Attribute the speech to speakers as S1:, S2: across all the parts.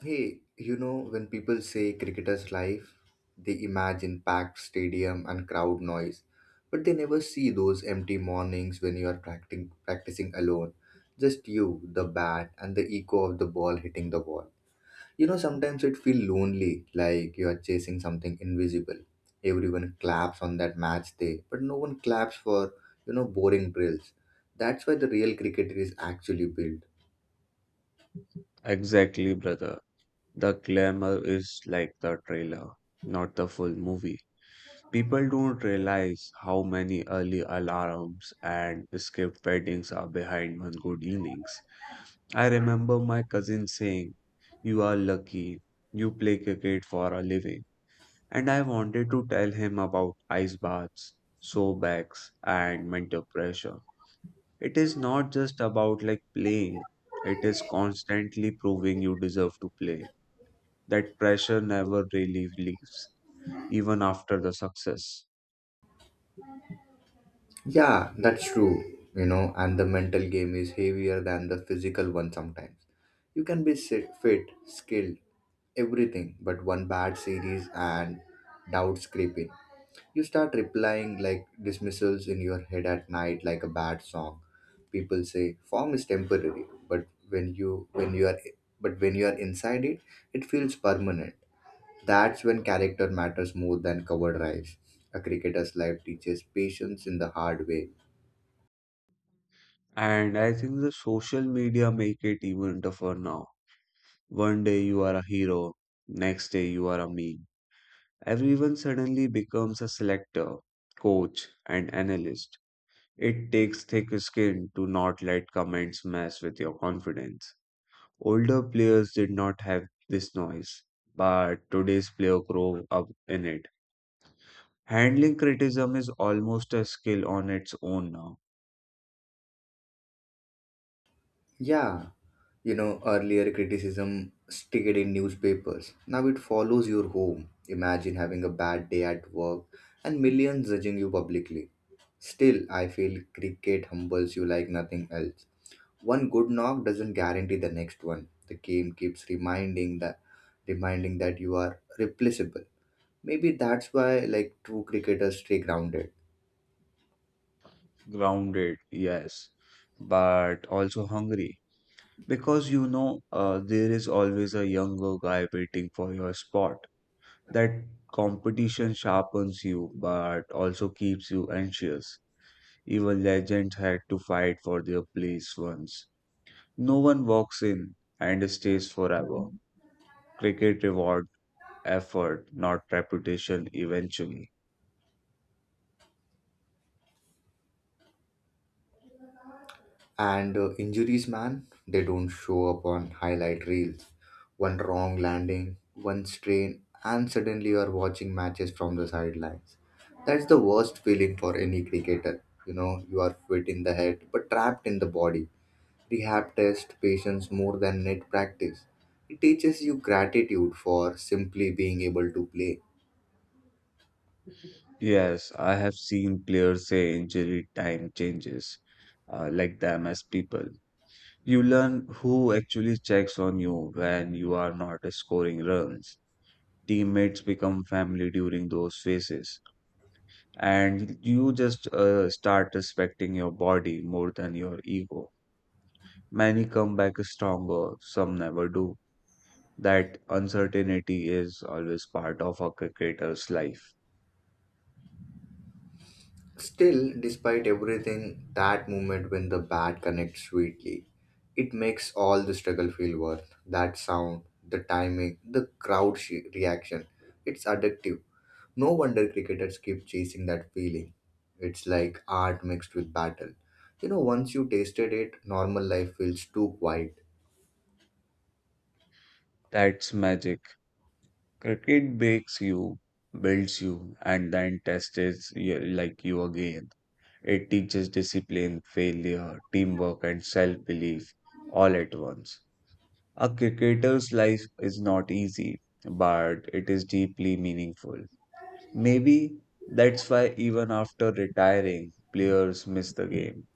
S1: Hey, you know, when people say cricketer's life, they imagine packed stadium and crowd noise, but they never see those empty mornings when you are practicing alone. Just you, the bat, and the echo of the ball hitting the wall. You know, sometimes it feels lonely, like you are chasing something invisible. Everyone claps on that match day, but no one claps for boring drills. That's why the real cricketer is actually built.
S2: Exactly, brother. The glamour is like the trailer, not the full movie. People don't realize how many early alarms and skipped weddings are behind one good innings. I remember my cousin saying, "You are lucky, you play cricket for a living." And I wanted to tell him about ice baths, sore backs, and mental pressure. It is not just about like playing, it is constantly proving you deserve to play. That pressure never really leaves, even after the success.
S1: Yeah, that's true. You know, and the mental game is heavier than the physical one sometimes. You can be sit, fit, skilled, everything, but one bad series and doubts creep in. You start replying like dismissals in your head at night like a bad song. People say form is temporary, but when you are inside it, it feels permanent. That's when character matters more than covered rise. A cricketer's life teaches patience in the hard way.
S2: And I think the social media make it even tougher now. One day you are a hero, next day you are a meme. Everyone suddenly becomes a selector, coach, and analyst. It takes thick skin to not let comments mess with your confidence. Older players did not have this noise, but today's player grow up in it. Handling criticism is almost a skill on its own now.
S1: Yeah, you know, earlier criticism stayed in newspapers. Now it follows your home. Imagine having a bad day at work and millions judging you publicly. Still, I feel cricket humbles you like nothing else. One good knock doesn't guarantee the next one. The game keeps reminding that you are replaceable. Maybe that's why like true cricketers stay grounded.
S2: Grounded, yes, but also hungry. Because there is always a younger guy waiting for your spot. That competition sharpens you, but also keeps you anxious. Even legends had to fight for their place once. No one walks in and stays forever. Cricket reward effort, not reputation eventually.
S1: And injuries, man, they don't show up on highlight reels. One wrong landing, one strain, and suddenly you're watching matches from the sidelines. That's the worst feeling for any cricketer. You know, you are fit in the head, but trapped in the body. Rehab tests patience more than net practice. It teaches you gratitude for simply being able to play.
S2: Yes, I have seen players say injury time changes, like them as people. You learn who actually checks on you when you are not scoring runs. Teammates become family during those phases, and you just start respecting your body more than your ego. Many come back stronger, some never do. That uncertainty is always part of a cricketer's life.
S1: Still, despite everything, that moment when the bat connects sweetly, it makes all the struggle feel worth. That sound, the timing, the crowd reaction, it's addictive. No wonder cricketers keep chasing that feeling. It's like art mixed with battle. You know, once you tasted it, normal life feels too quiet.
S2: That's magic. Cricket breaks you, builds you, and then tests you like you again. It teaches discipline, failure, teamwork, and self-belief all at once. A cricketer's life is not easy, but it is deeply meaningful. Maybe that's why even after retiring, players miss the game.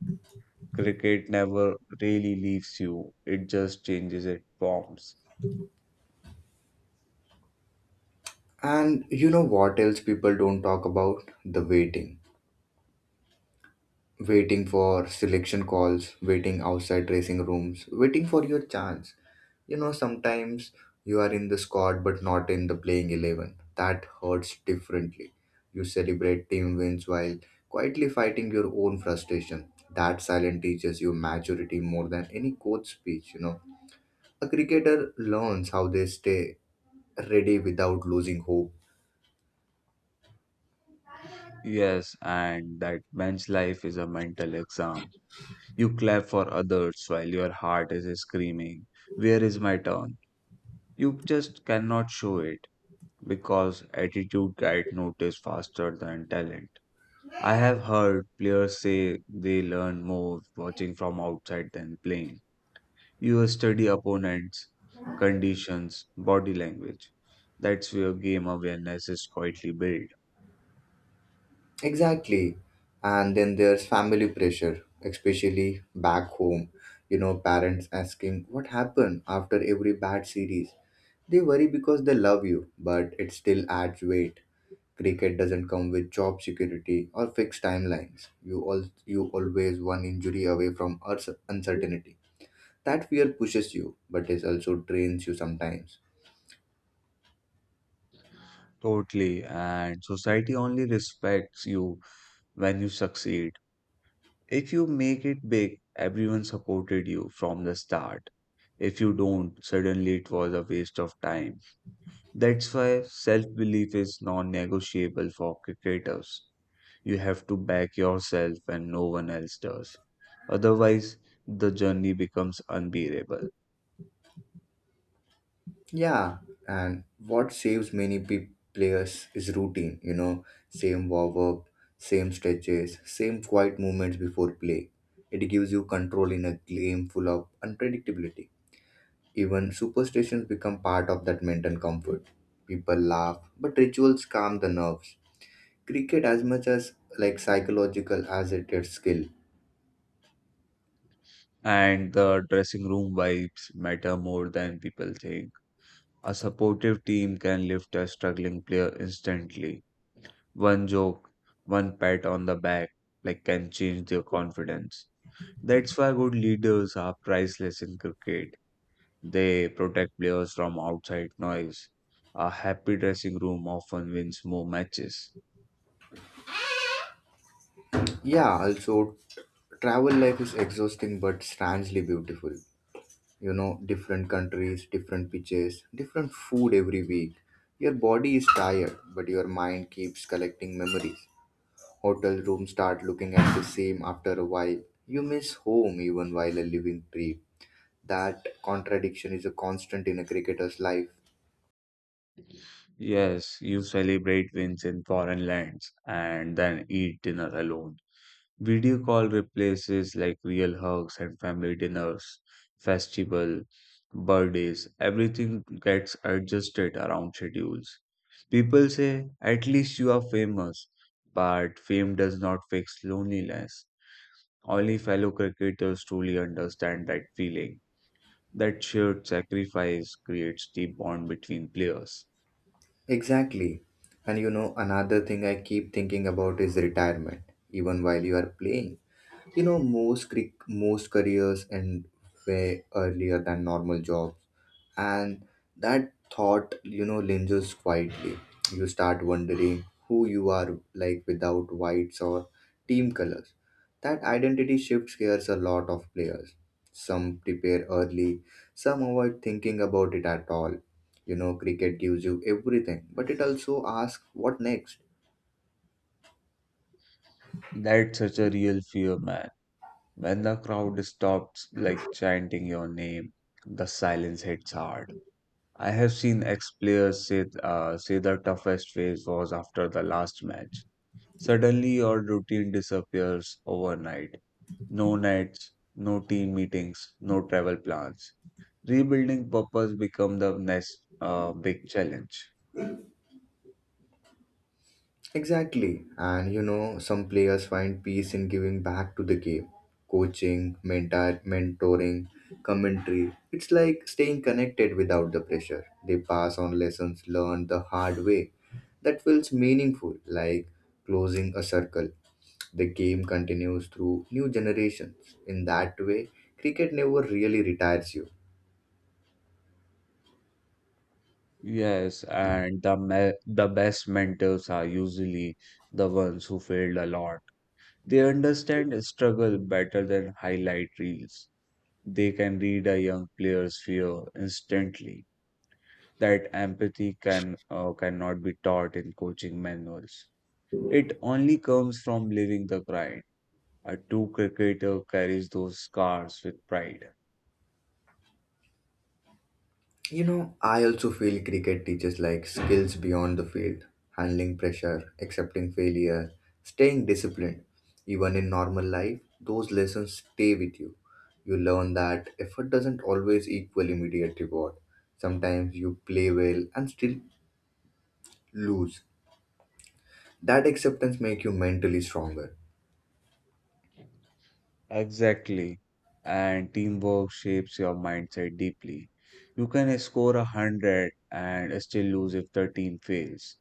S2: Cricket never really leaves you, it just changes its forms.
S1: And you know what else people don't talk about? The waiting. Waiting for selection calls, waiting outside dressing rooms, waiting for your chance. You know, sometimes you are in the squad but not in the playing 11. That hurts differently. You celebrate team wins while quietly fighting your own frustration. That silence teaches you maturity more than any coach speech. A cricketer learns how they stay ready without losing hope.
S2: Yes, and that bench life is a mental exam. You clap for others while your heart is screaming, "Where is my turn?" You just cannot show it because attitude gets noticed faster than talent. I have heard players say they learn more watching from outside than playing. You study opponents, conditions, body language. That's where game awareness is quietly built.
S1: Exactly. And then there's family pressure, especially back home. You know, parents asking what happened after every bad series. They worry because they love you, but it still adds weight. Cricket doesn't come with job security or fixed timelines. You always one injury away from uncertainty. That fear pushes you, but it also drains you sometimes.
S2: Totally, and society only respects you when you succeed. If you make it big, everyone supported you from the start. If you don't, suddenly it was a waste of time. That's why self belief is non negotiable for cricketers. You have to back yourself when no one else does. Otherwise, the journey becomes unbearable.
S1: Yeah, and what saves many players is routine, same warm up, same stretches, same quiet movements before play. It gives you control in a game full of unpredictability. Even superstitions become part of that mental comfort. People laugh, but rituals calm the nerves. Cricket, as much as like psychological as it is skill.
S2: And the dressing room vibes matter more than people think. A supportive team can lift a struggling player instantly. One joke, one pat on the back, like can change their confidence. That's why good leaders are priceless in cricket. They protect players from outside noise. A happy dressing room often wins more matches.
S1: Yeah, also travel life is exhausting but strangely beautiful. You know, different countries, different pitches, different food every week. Your body is tired but your mind keeps collecting memories. Hotel rooms start looking at the same after a while. You miss home even while a living trip. That contradiction is a constant in a cricketer's life.
S2: Yes, you celebrate wins in foreign lands and then eat dinner alone. Video call replaces like real hugs and family dinners, festival, birthdays, everything gets adjusted around schedules. People say, at least you are famous, but fame does not fix loneliness. Only fellow cricketers truly understand that feeling. That shared sacrifice creates deep bond between players.
S1: Exactly. And you know, another thing I keep thinking about is retirement, even while you are playing. You know, most careers end way earlier than normal jobs, and that thought lingers quietly. You start wondering who you are like without whites or team colors. That identity shift scares a lot of players. Some prepare early, some avoid thinking about it at all. You know, cricket gives you everything, but it also asks what next.
S2: That's such a real fear, man. When the crowd stops like chanting your name, the silence hits hard. I have seen ex players say the toughest phase was after the last match. Suddenly, your routine disappears overnight. No nights, no team meetings, no travel plans. Rebuilding purpose become the next big challenge.
S1: Exactly. And you know, some players find peace in giving back to the game. Coaching, mentoring, commentary. It's like staying connected without the pressure. They pass on lessons learned the hard way. That feels meaningful, like closing a circle. The game continues through new generations. In that way, cricket never really retires you.
S2: Yes, and the best mentors are usually the ones who failed a lot. They understand struggle better than highlight reels. They can read a young player's fear instantly. That empathy cannot be taught in coaching manuals. It only comes from living the grind. A true cricketer carries those scars with pride.
S1: You know, I also feel cricket teaches like skills beyond the field, handling pressure, accepting failure, staying disciplined. Even in normal life, those lessons stay with you. You learn that effort doesn't always equal immediate reward. Sometimes you play well and still lose. That acceptance makes you mentally stronger.
S2: Exactly. And teamwork shapes your mindset deeply. You can score a hundred and still lose if the team fails.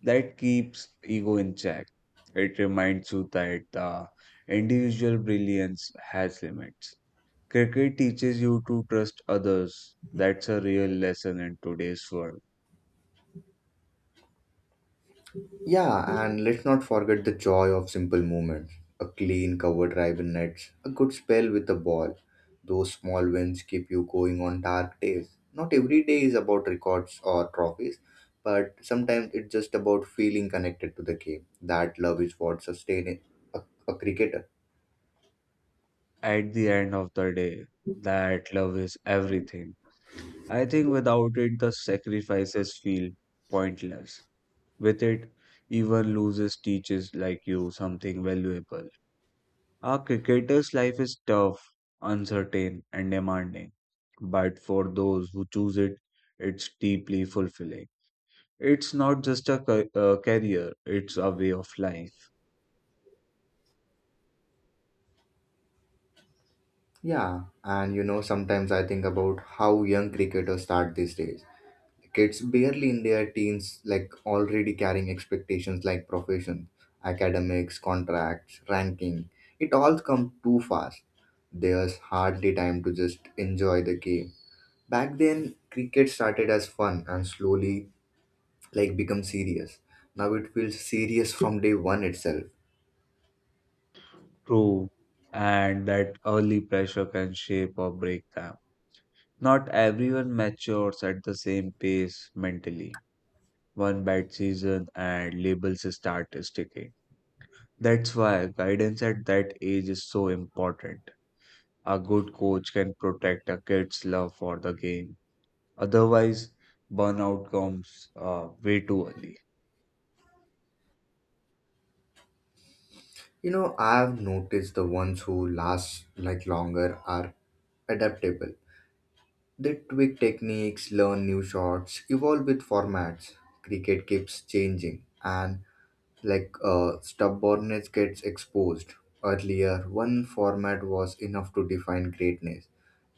S2: That keeps ego in check. It reminds you that the individual brilliance has limits. Cricket teaches you to trust others. That's a real lesson in today's world.
S1: Yeah, and let's not forget the joy of simple movements. A clean covered ribbon nets, a good spell with a ball. Those small wins keep you going on dark days. Not every day is about records or trophies, but sometimes it's just about feeling connected to the game. That love is what sustains a, a cricketer.
S2: At the end of the day, that love is everything. I think without it, the sacrifices feel pointless. With it, even loses teaches like you something valuable. A cricketer's life is tough, uncertain, and demanding, but for those who choose it, it's deeply fulfilling. It's not just a career, it's a way of life.
S1: Yeah, and you know, sometimes I think about how young cricketers start these days. Kids barely in their teens, like already carrying expectations like profession, academics, contracts, ranking. It all comes too fast. There's hardly time to just enjoy the game. Back then, cricket started as fun and slowly like become serious. Now it feels serious from day one itself.
S2: True, and that early pressure can shape or break them. Not everyone matures at the same pace mentally. One bad season and labels start sticking. That's why guidance at that age is so important. A good coach can protect a kid's love for the game. Otherwise, burnout comes way too early.
S1: You know, I've noticed the ones who last like longer are adaptable. They tweak techniques, learn new shots, evolve with formats. Cricket keeps changing, and like stubbornness gets exposed. Earlier, one format was enough to define greatness.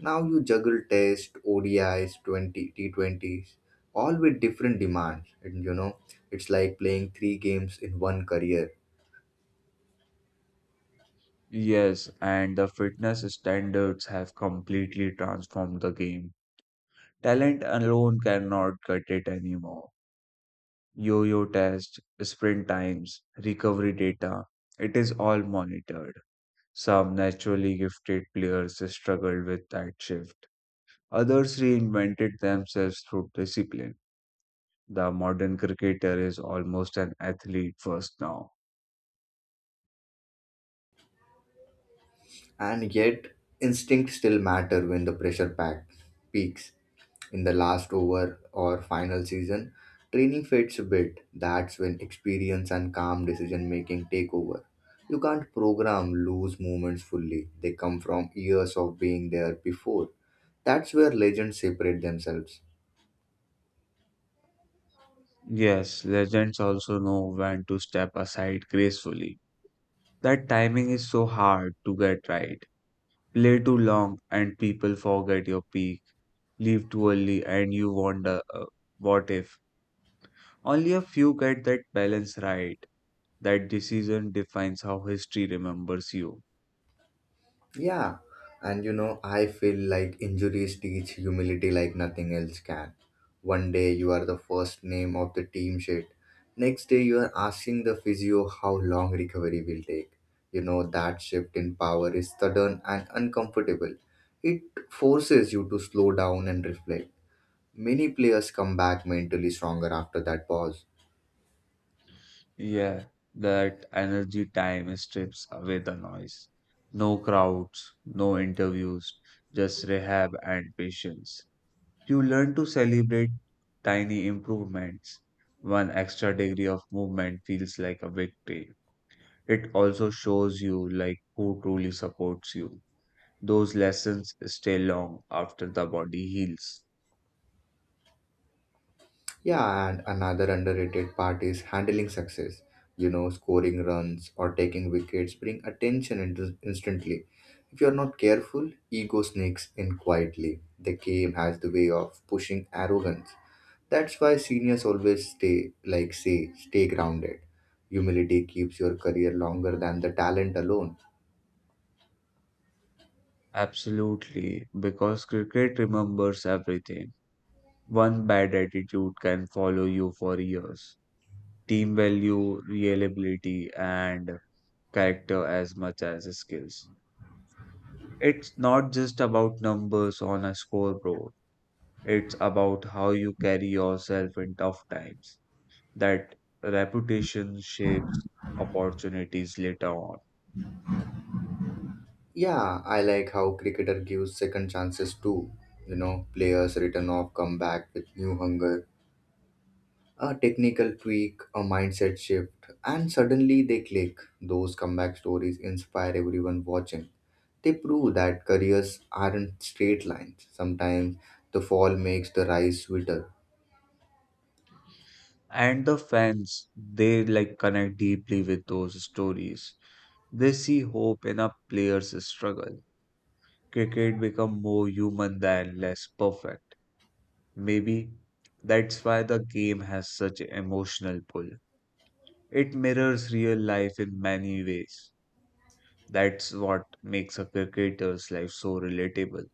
S1: Now you juggle Test, ODIs, 20, T20s, all with different demands. And you know, it's like playing three games in one career.
S2: Yes, and the fitness standards have completely transformed the game. Talent alone cannot cut it anymore. Yo yo test, sprint times, recovery data, it is all monitored. Some naturally gifted players struggle with that shift. Others reinvented themselves through discipline. The modern cricketer is almost an athlete first now.
S1: And yet instinct still matter when the pressure pack peaks in the last over or final season training fades a bit. That's when experience and calm decision making take over. You can't program loose movements fully. They come from years of being there before. That's where legends separate themselves.
S2: Yes, legends also know when to step aside gracefully. That timing is so hard to get right. Play too long and people forget your peak. Leave too early and you wonder what if. Only a few get that balance right. That decision defines how history remembers you.
S1: Yeah, and you know, I feel like injuries teach humility like nothing else can. One day you are the first name of the team sheet. Next day you are asking the physio how long recovery will take. You know, that shift in power is sudden and uncomfortable. It forces you to slow down and reflect. Many players come back mentally stronger after that pause.
S2: Yeah, that energy time strips away the noise. No crowds, no interviews, just rehab and patience. You learn to celebrate tiny improvements. One extra degree of movement feels like a victory. It also shows you like who truly supports you. Those lessons stay long after the body heals.
S1: Yeah, and another underrated part is handling success. You know, scoring runs or taking wickets bring attention instantly. If you're not careful, ego sneaks in quietly. The game has the way of pushing arrogance. That's why seniors always stay grounded. Humility keeps your career longer than the talent alone.
S2: Absolutely, because cricket remembers everything. One bad attitude can follow you for years. Team value, reliability, and character as much as skills. It's not just about numbers on a scoreboard, it's about how you carry yourself in tough times. That reputation shapes opportunities later on.
S1: Yeah, I like how cricketer gives second chances too. You know, players return off, come back with new hunger, a technical tweak, a mindset shift, and suddenly they click. Those comeback stories inspire everyone watching. They prove that careers aren't straight lines. Sometimes the fall makes the rise sweeter.
S2: And the fans, they like connect deeply with those stories. They see hope in a player's struggle. Cricket become more human than less perfect. Maybe that's why the game has such emotional pull. It mirrors real life in many ways. That's what makes a cricketer's life so relatable.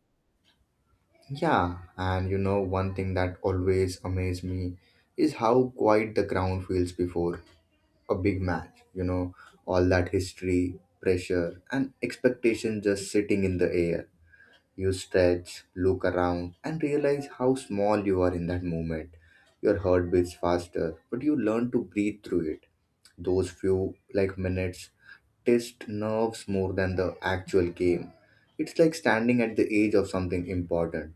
S1: Yeah, and you know, one thing that always amazed me is how quiet the ground feels before a big match. You know, all that history, pressure, and expectation just sitting in the air. You stretch, look around, and realize how small you are in that moment. Your heart beats faster, but you learn to breathe through it. Those few like minutes test nerves more than the actual game. It's like standing at the edge of something important.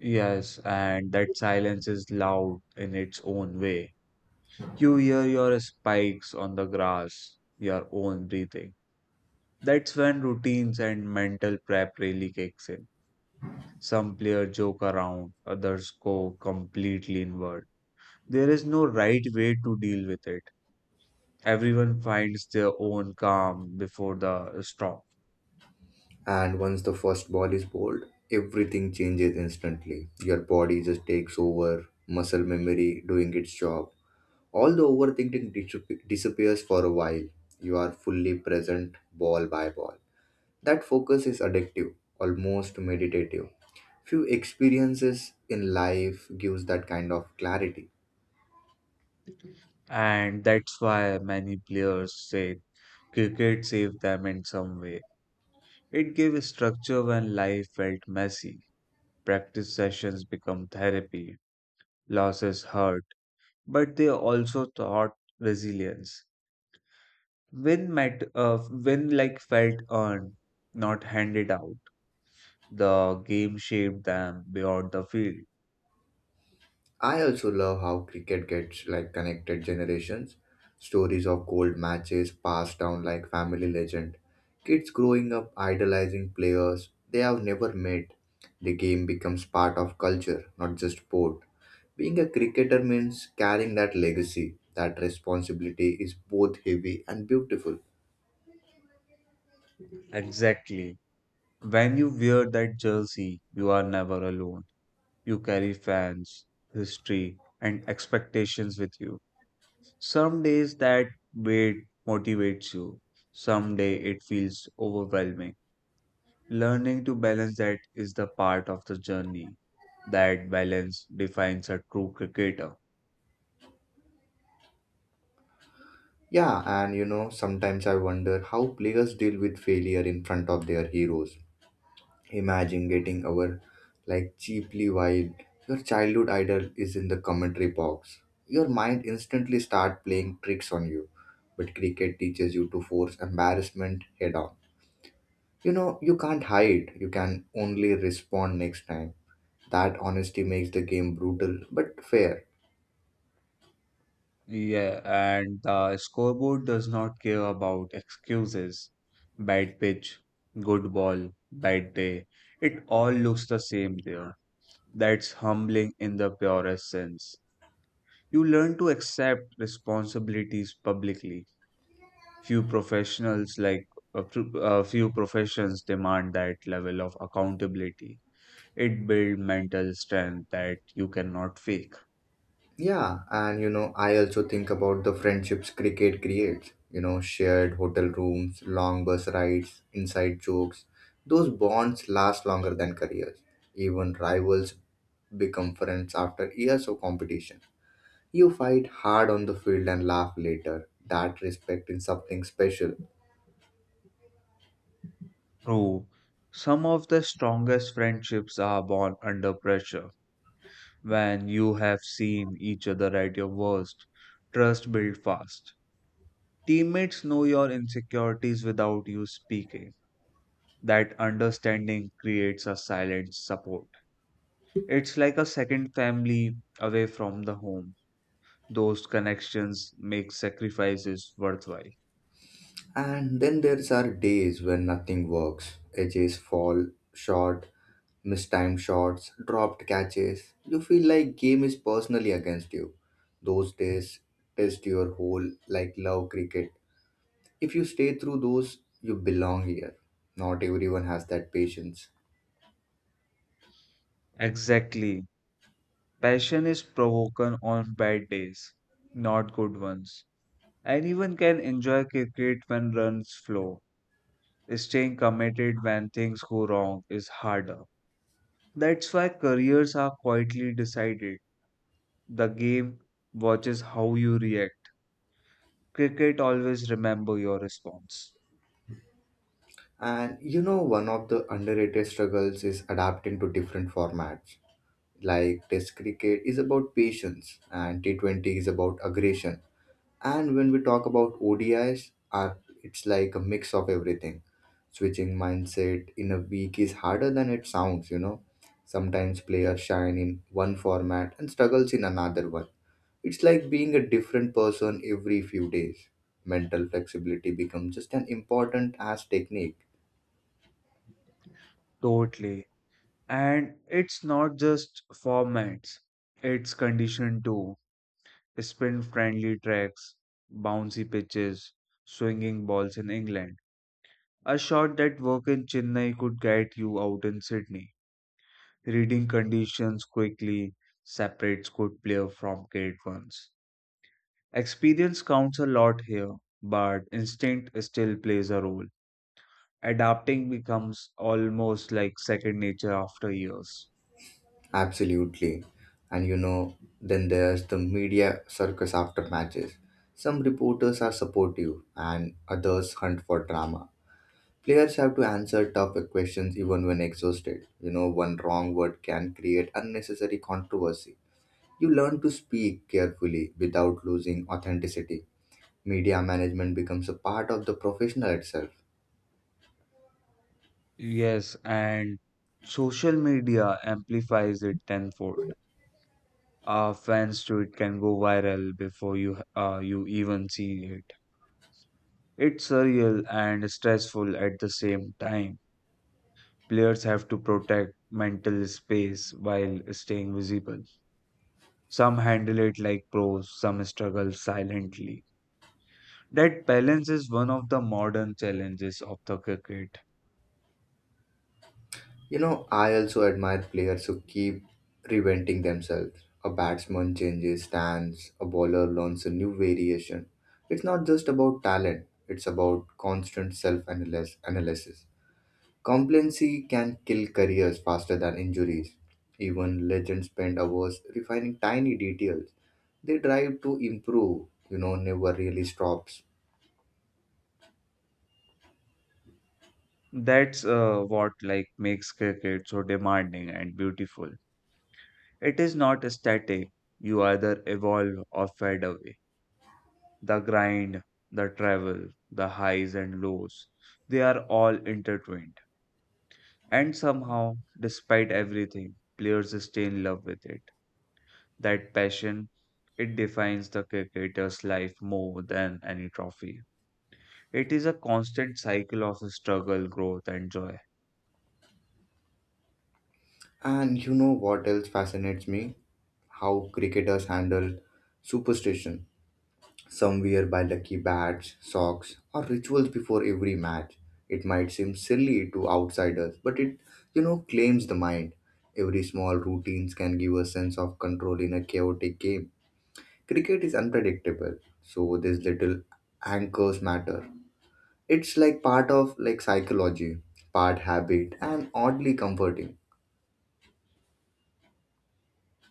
S2: Yes, and that silence is loud in its own way. You hear your spikes on the grass, your own breathing. That's when routines and mental prep really kicks in. Some players joke around, others go completely inward. There is no right way to deal with it. Everyone finds their own calm before the storm.
S1: And once the first ball is bowled, everything changes instantly. Your body just takes over, muscle memory doing its job. All the overthinking disappears for a while. You are fully present ball by ball. That focus is addictive, almost meditative. Few experiences in life gives that kind of clarity.
S2: And that's why many players say cricket saved them in some way. It gave structure when life felt messy. Practice sessions become therapy. Losses hurt, but they also taught resilience. Win like felt earned, not handed out. The game shaped them beyond the field.
S1: I also love how cricket gets like connected generations. Stories of gold matches passed down like family legend. Kids growing up idolizing players they have never met. The game becomes part of culture, not just sport. Being a cricketer means carrying that legacy. That responsibility is both heavy and beautiful.
S2: Exactly. When you wear that jersey, you are never alone. You carry fans, history, and expectations with you. Some days that weight motivates you, some day it feels overwhelming. Learning to balance that is the part of the journey. That balance defines a true cricketer.
S1: Yeah, and you know, sometimes I wonder how players deal with failure in front of their heroes. Imagine getting over like cheaply while your childhood idol is in the commentary box. Your mind instantly start playing tricks on you. But cricket teaches you to force embarrassment head on. You know, you can't hide, you can only respond next time. That honesty makes the game brutal but fair.
S2: Yeah, and the scoreboard does not care about excuses. Bad pitch, good ball, bad day. It all looks the same there. That's humbling in the purest sense. You learn to accept responsibilities publicly. Few professionals, a few professions, demand that level of accountability. It builds mental strength that you cannot fake.
S1: Yeah, and you know, I also think about the friendships cricket creates. You know, shared hotel rooms, long bus rides, inside jokes. Those bonds last longer than careers. Even rivals become friends after years of competition. You fight hard on the field and laugh later. That respect is something special.
S2: True, some of the strongest friendships are born under pressure. When you have seen each other at your worst, trust builds fast. Teammates know your insecurities without you speaking. That understanding creates a silent support. It's like a second family away from the home. Those connections make sacrifices worthwhile.
S1: And then there's our days when nothing works. Edges fall short, mistimed shots, dropped catches. You feel like game is personally against you. Those days test your whole like love cricket. If you stay through those, you belong here. Not everyone has that patience.
S2: Exactly. Passion is provoken on bad days, not good ones. Anyone can enjoy cricket when runs flow. Staying committed when things go wrong is harder. That's why careers are quietly decided. The game watches how you react. Cricket always remember your response.
S1: And you know one of the underrated struggles is adapting to different formats. Like test cricket is about patience and T20 is about aggression. And when we talk about ODIs, are it's like a mix of everything. Switching mindset in a week is harder than it sounds. Sometimes players shine in one format and struggles in another one. It's like being a different person every few days. Mental flexibility becomes just an important as technique.
S2: Totally. And it's not just formats, it's condition too. Spin friendly tracks, bouncy pitches, swinging balls in England. A shot that worked in Chennai could get you out in Sydney. Reading conditions quickly separates good player from great ones. Experience counts a lot here, but instinct still plays a role. Adapting becomes almost like second nature after years.
S1: Absolutely. And you know, then there's the media circus after matches. Some reporters are supportive and others hunt for drama. Players have to answer tough questions even when exhausted. You know, one wrong word can create unnecessary controversy. You learn to speak carefully without losing authenticity. Media management becomes a part of the professional itself.
S2: Yes, and social media amplifies it tenfold. Our fans to it can go viral before you even see it. It's surreal and stressful at the same time. Players have to protect mental space while staying visible. Some handle it like pros, some struggle silently. That balance is one of the modern challenges of the cricket.
S1: You know, I also admire players who keep reinventing themselves. A batsman changes stance, a bowler learns a new variation. It's not just about talent, it's about constant self analysis. Complacency can kill careers faster than injuries. Even legends spend hours refining tiny details. They drive to improve, never really stops.
S2: That's what like makes cricket so demanding and beautiful. It is not static. You either evolve or fade away. The grind, the travel, the highs and lows, they are all intertwined. And somehow, despite everything, players stay in love with it. That passion, it defines the cricketer's life more than any trophy. It is a constant cycle of struggle, growth, and joy.
S1: And you know what else fascinates me? How cricketers handle superstition. Some wear by lucky bats, socks, or rituals before every match. It might seem silly to outsiders, but it claims the mind. Every small routines can give a sense of control in a chaotic game. Cricket is unpredictable, so these little anchors matter. It's like part of like psychology, part habit, and oddly comforting.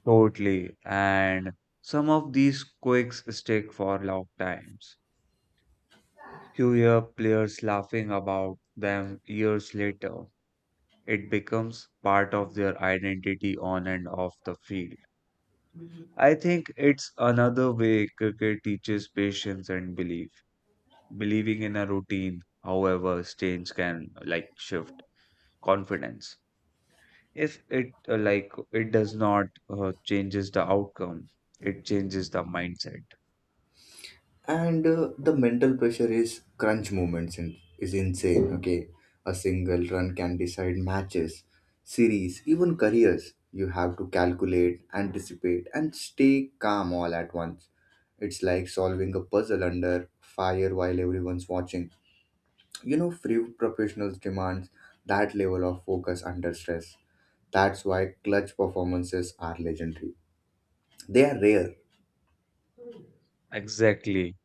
S2: Totally. And some of these quirks stick for long times. You hear players laughing about them years later. It becomes part of their identity on and off the field. I think it's another way cricket teaches patience and belief. Believing in a routine, however strange, can like shift confidence. If it like it does not changes the outcome, it changes the mindset.
S1: And the mental pressure is crunch moments is insane. Okay, a single run can decide matches, series, even careers. You have to calculate, anticipate, and stay calm all at once. It's like solving a puzzle under fire while everyone's watching. You know, few professionals demands that level of focus under stress. That's why clutch performances are legendary. They are rare.
S2: Exactly.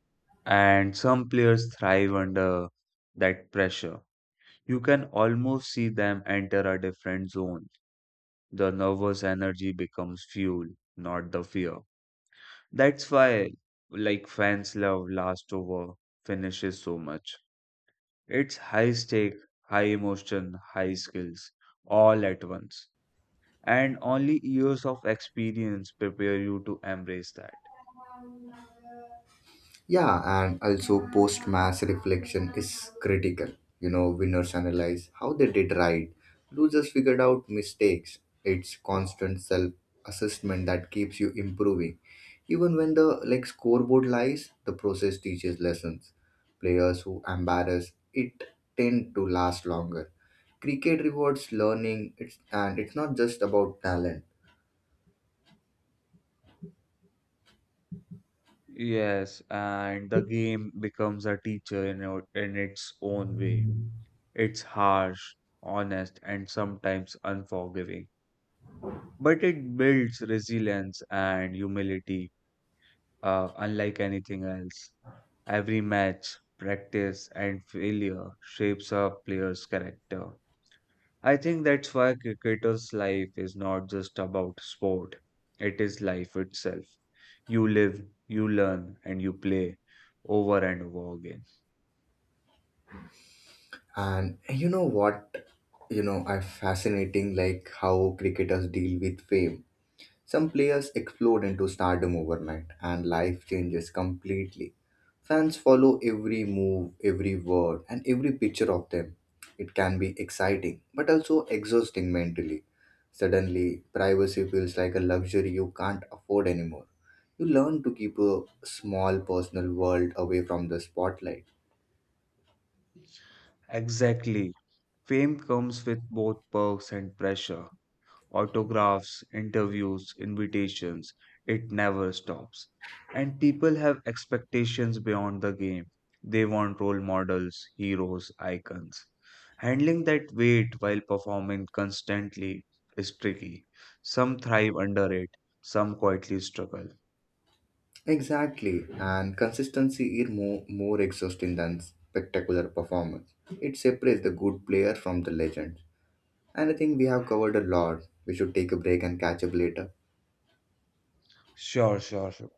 S2: And some players thrive under that pressure. You can almost see them enter a different zone. The nervous energy becomes fuel, not the fear. That's why, like, fans love last over finishes so much. It's high stake, high emotion, high skills, all at once. And only years of experience prepare you to embrace that.
S1: Yeah, and also post match reflection is critical. You know, winners analyze how they did right, losers figured out mistakes. It's constant self assessment that keeps you improving. Even when the like scoreboard lies, the process teaches lessons. Players who embarrass it tend to last longer. Cricket rewards learning, it's and it's not just about talent.
S2: Yes, and the game becomes a teacher in its own way. It's harsh, honest, and sometimes unforgiving, but it builds resilience and humility, unlike anything else. Every match, practice, and failure shapes a player's character. I think that's why cricketer's life is not just about sport, it is life itself. You live, you learn, and you play over and over again.
S1: And you know what? You know, I fascinating like how cricketers deal with fame. Some players explode into stardom overnight and life changes completely. Fans follow every move, every word, and every picture of them. It can be exciting, but also exhausting mentally. Suddenly, privacy feels like a luxury you can't afford anymore. You learn to keep a small personal world away from the spotlight.
S2: Exactly. Fame comes with both perks and pressure. Autographs, interviews, invitations. It never stops. And people have expectations beyond the game. They want role models, heroes, icons. Handling that weight while performing constantly is tricky. Some thrive under it, some quietly struggle.
S1: Exactly, and consistency is more exhausting than spectacular performance. It separates the good player from the legend. And I think we have covered a lot. We should take a break and catch up later.
S2: Sure, sure, sure.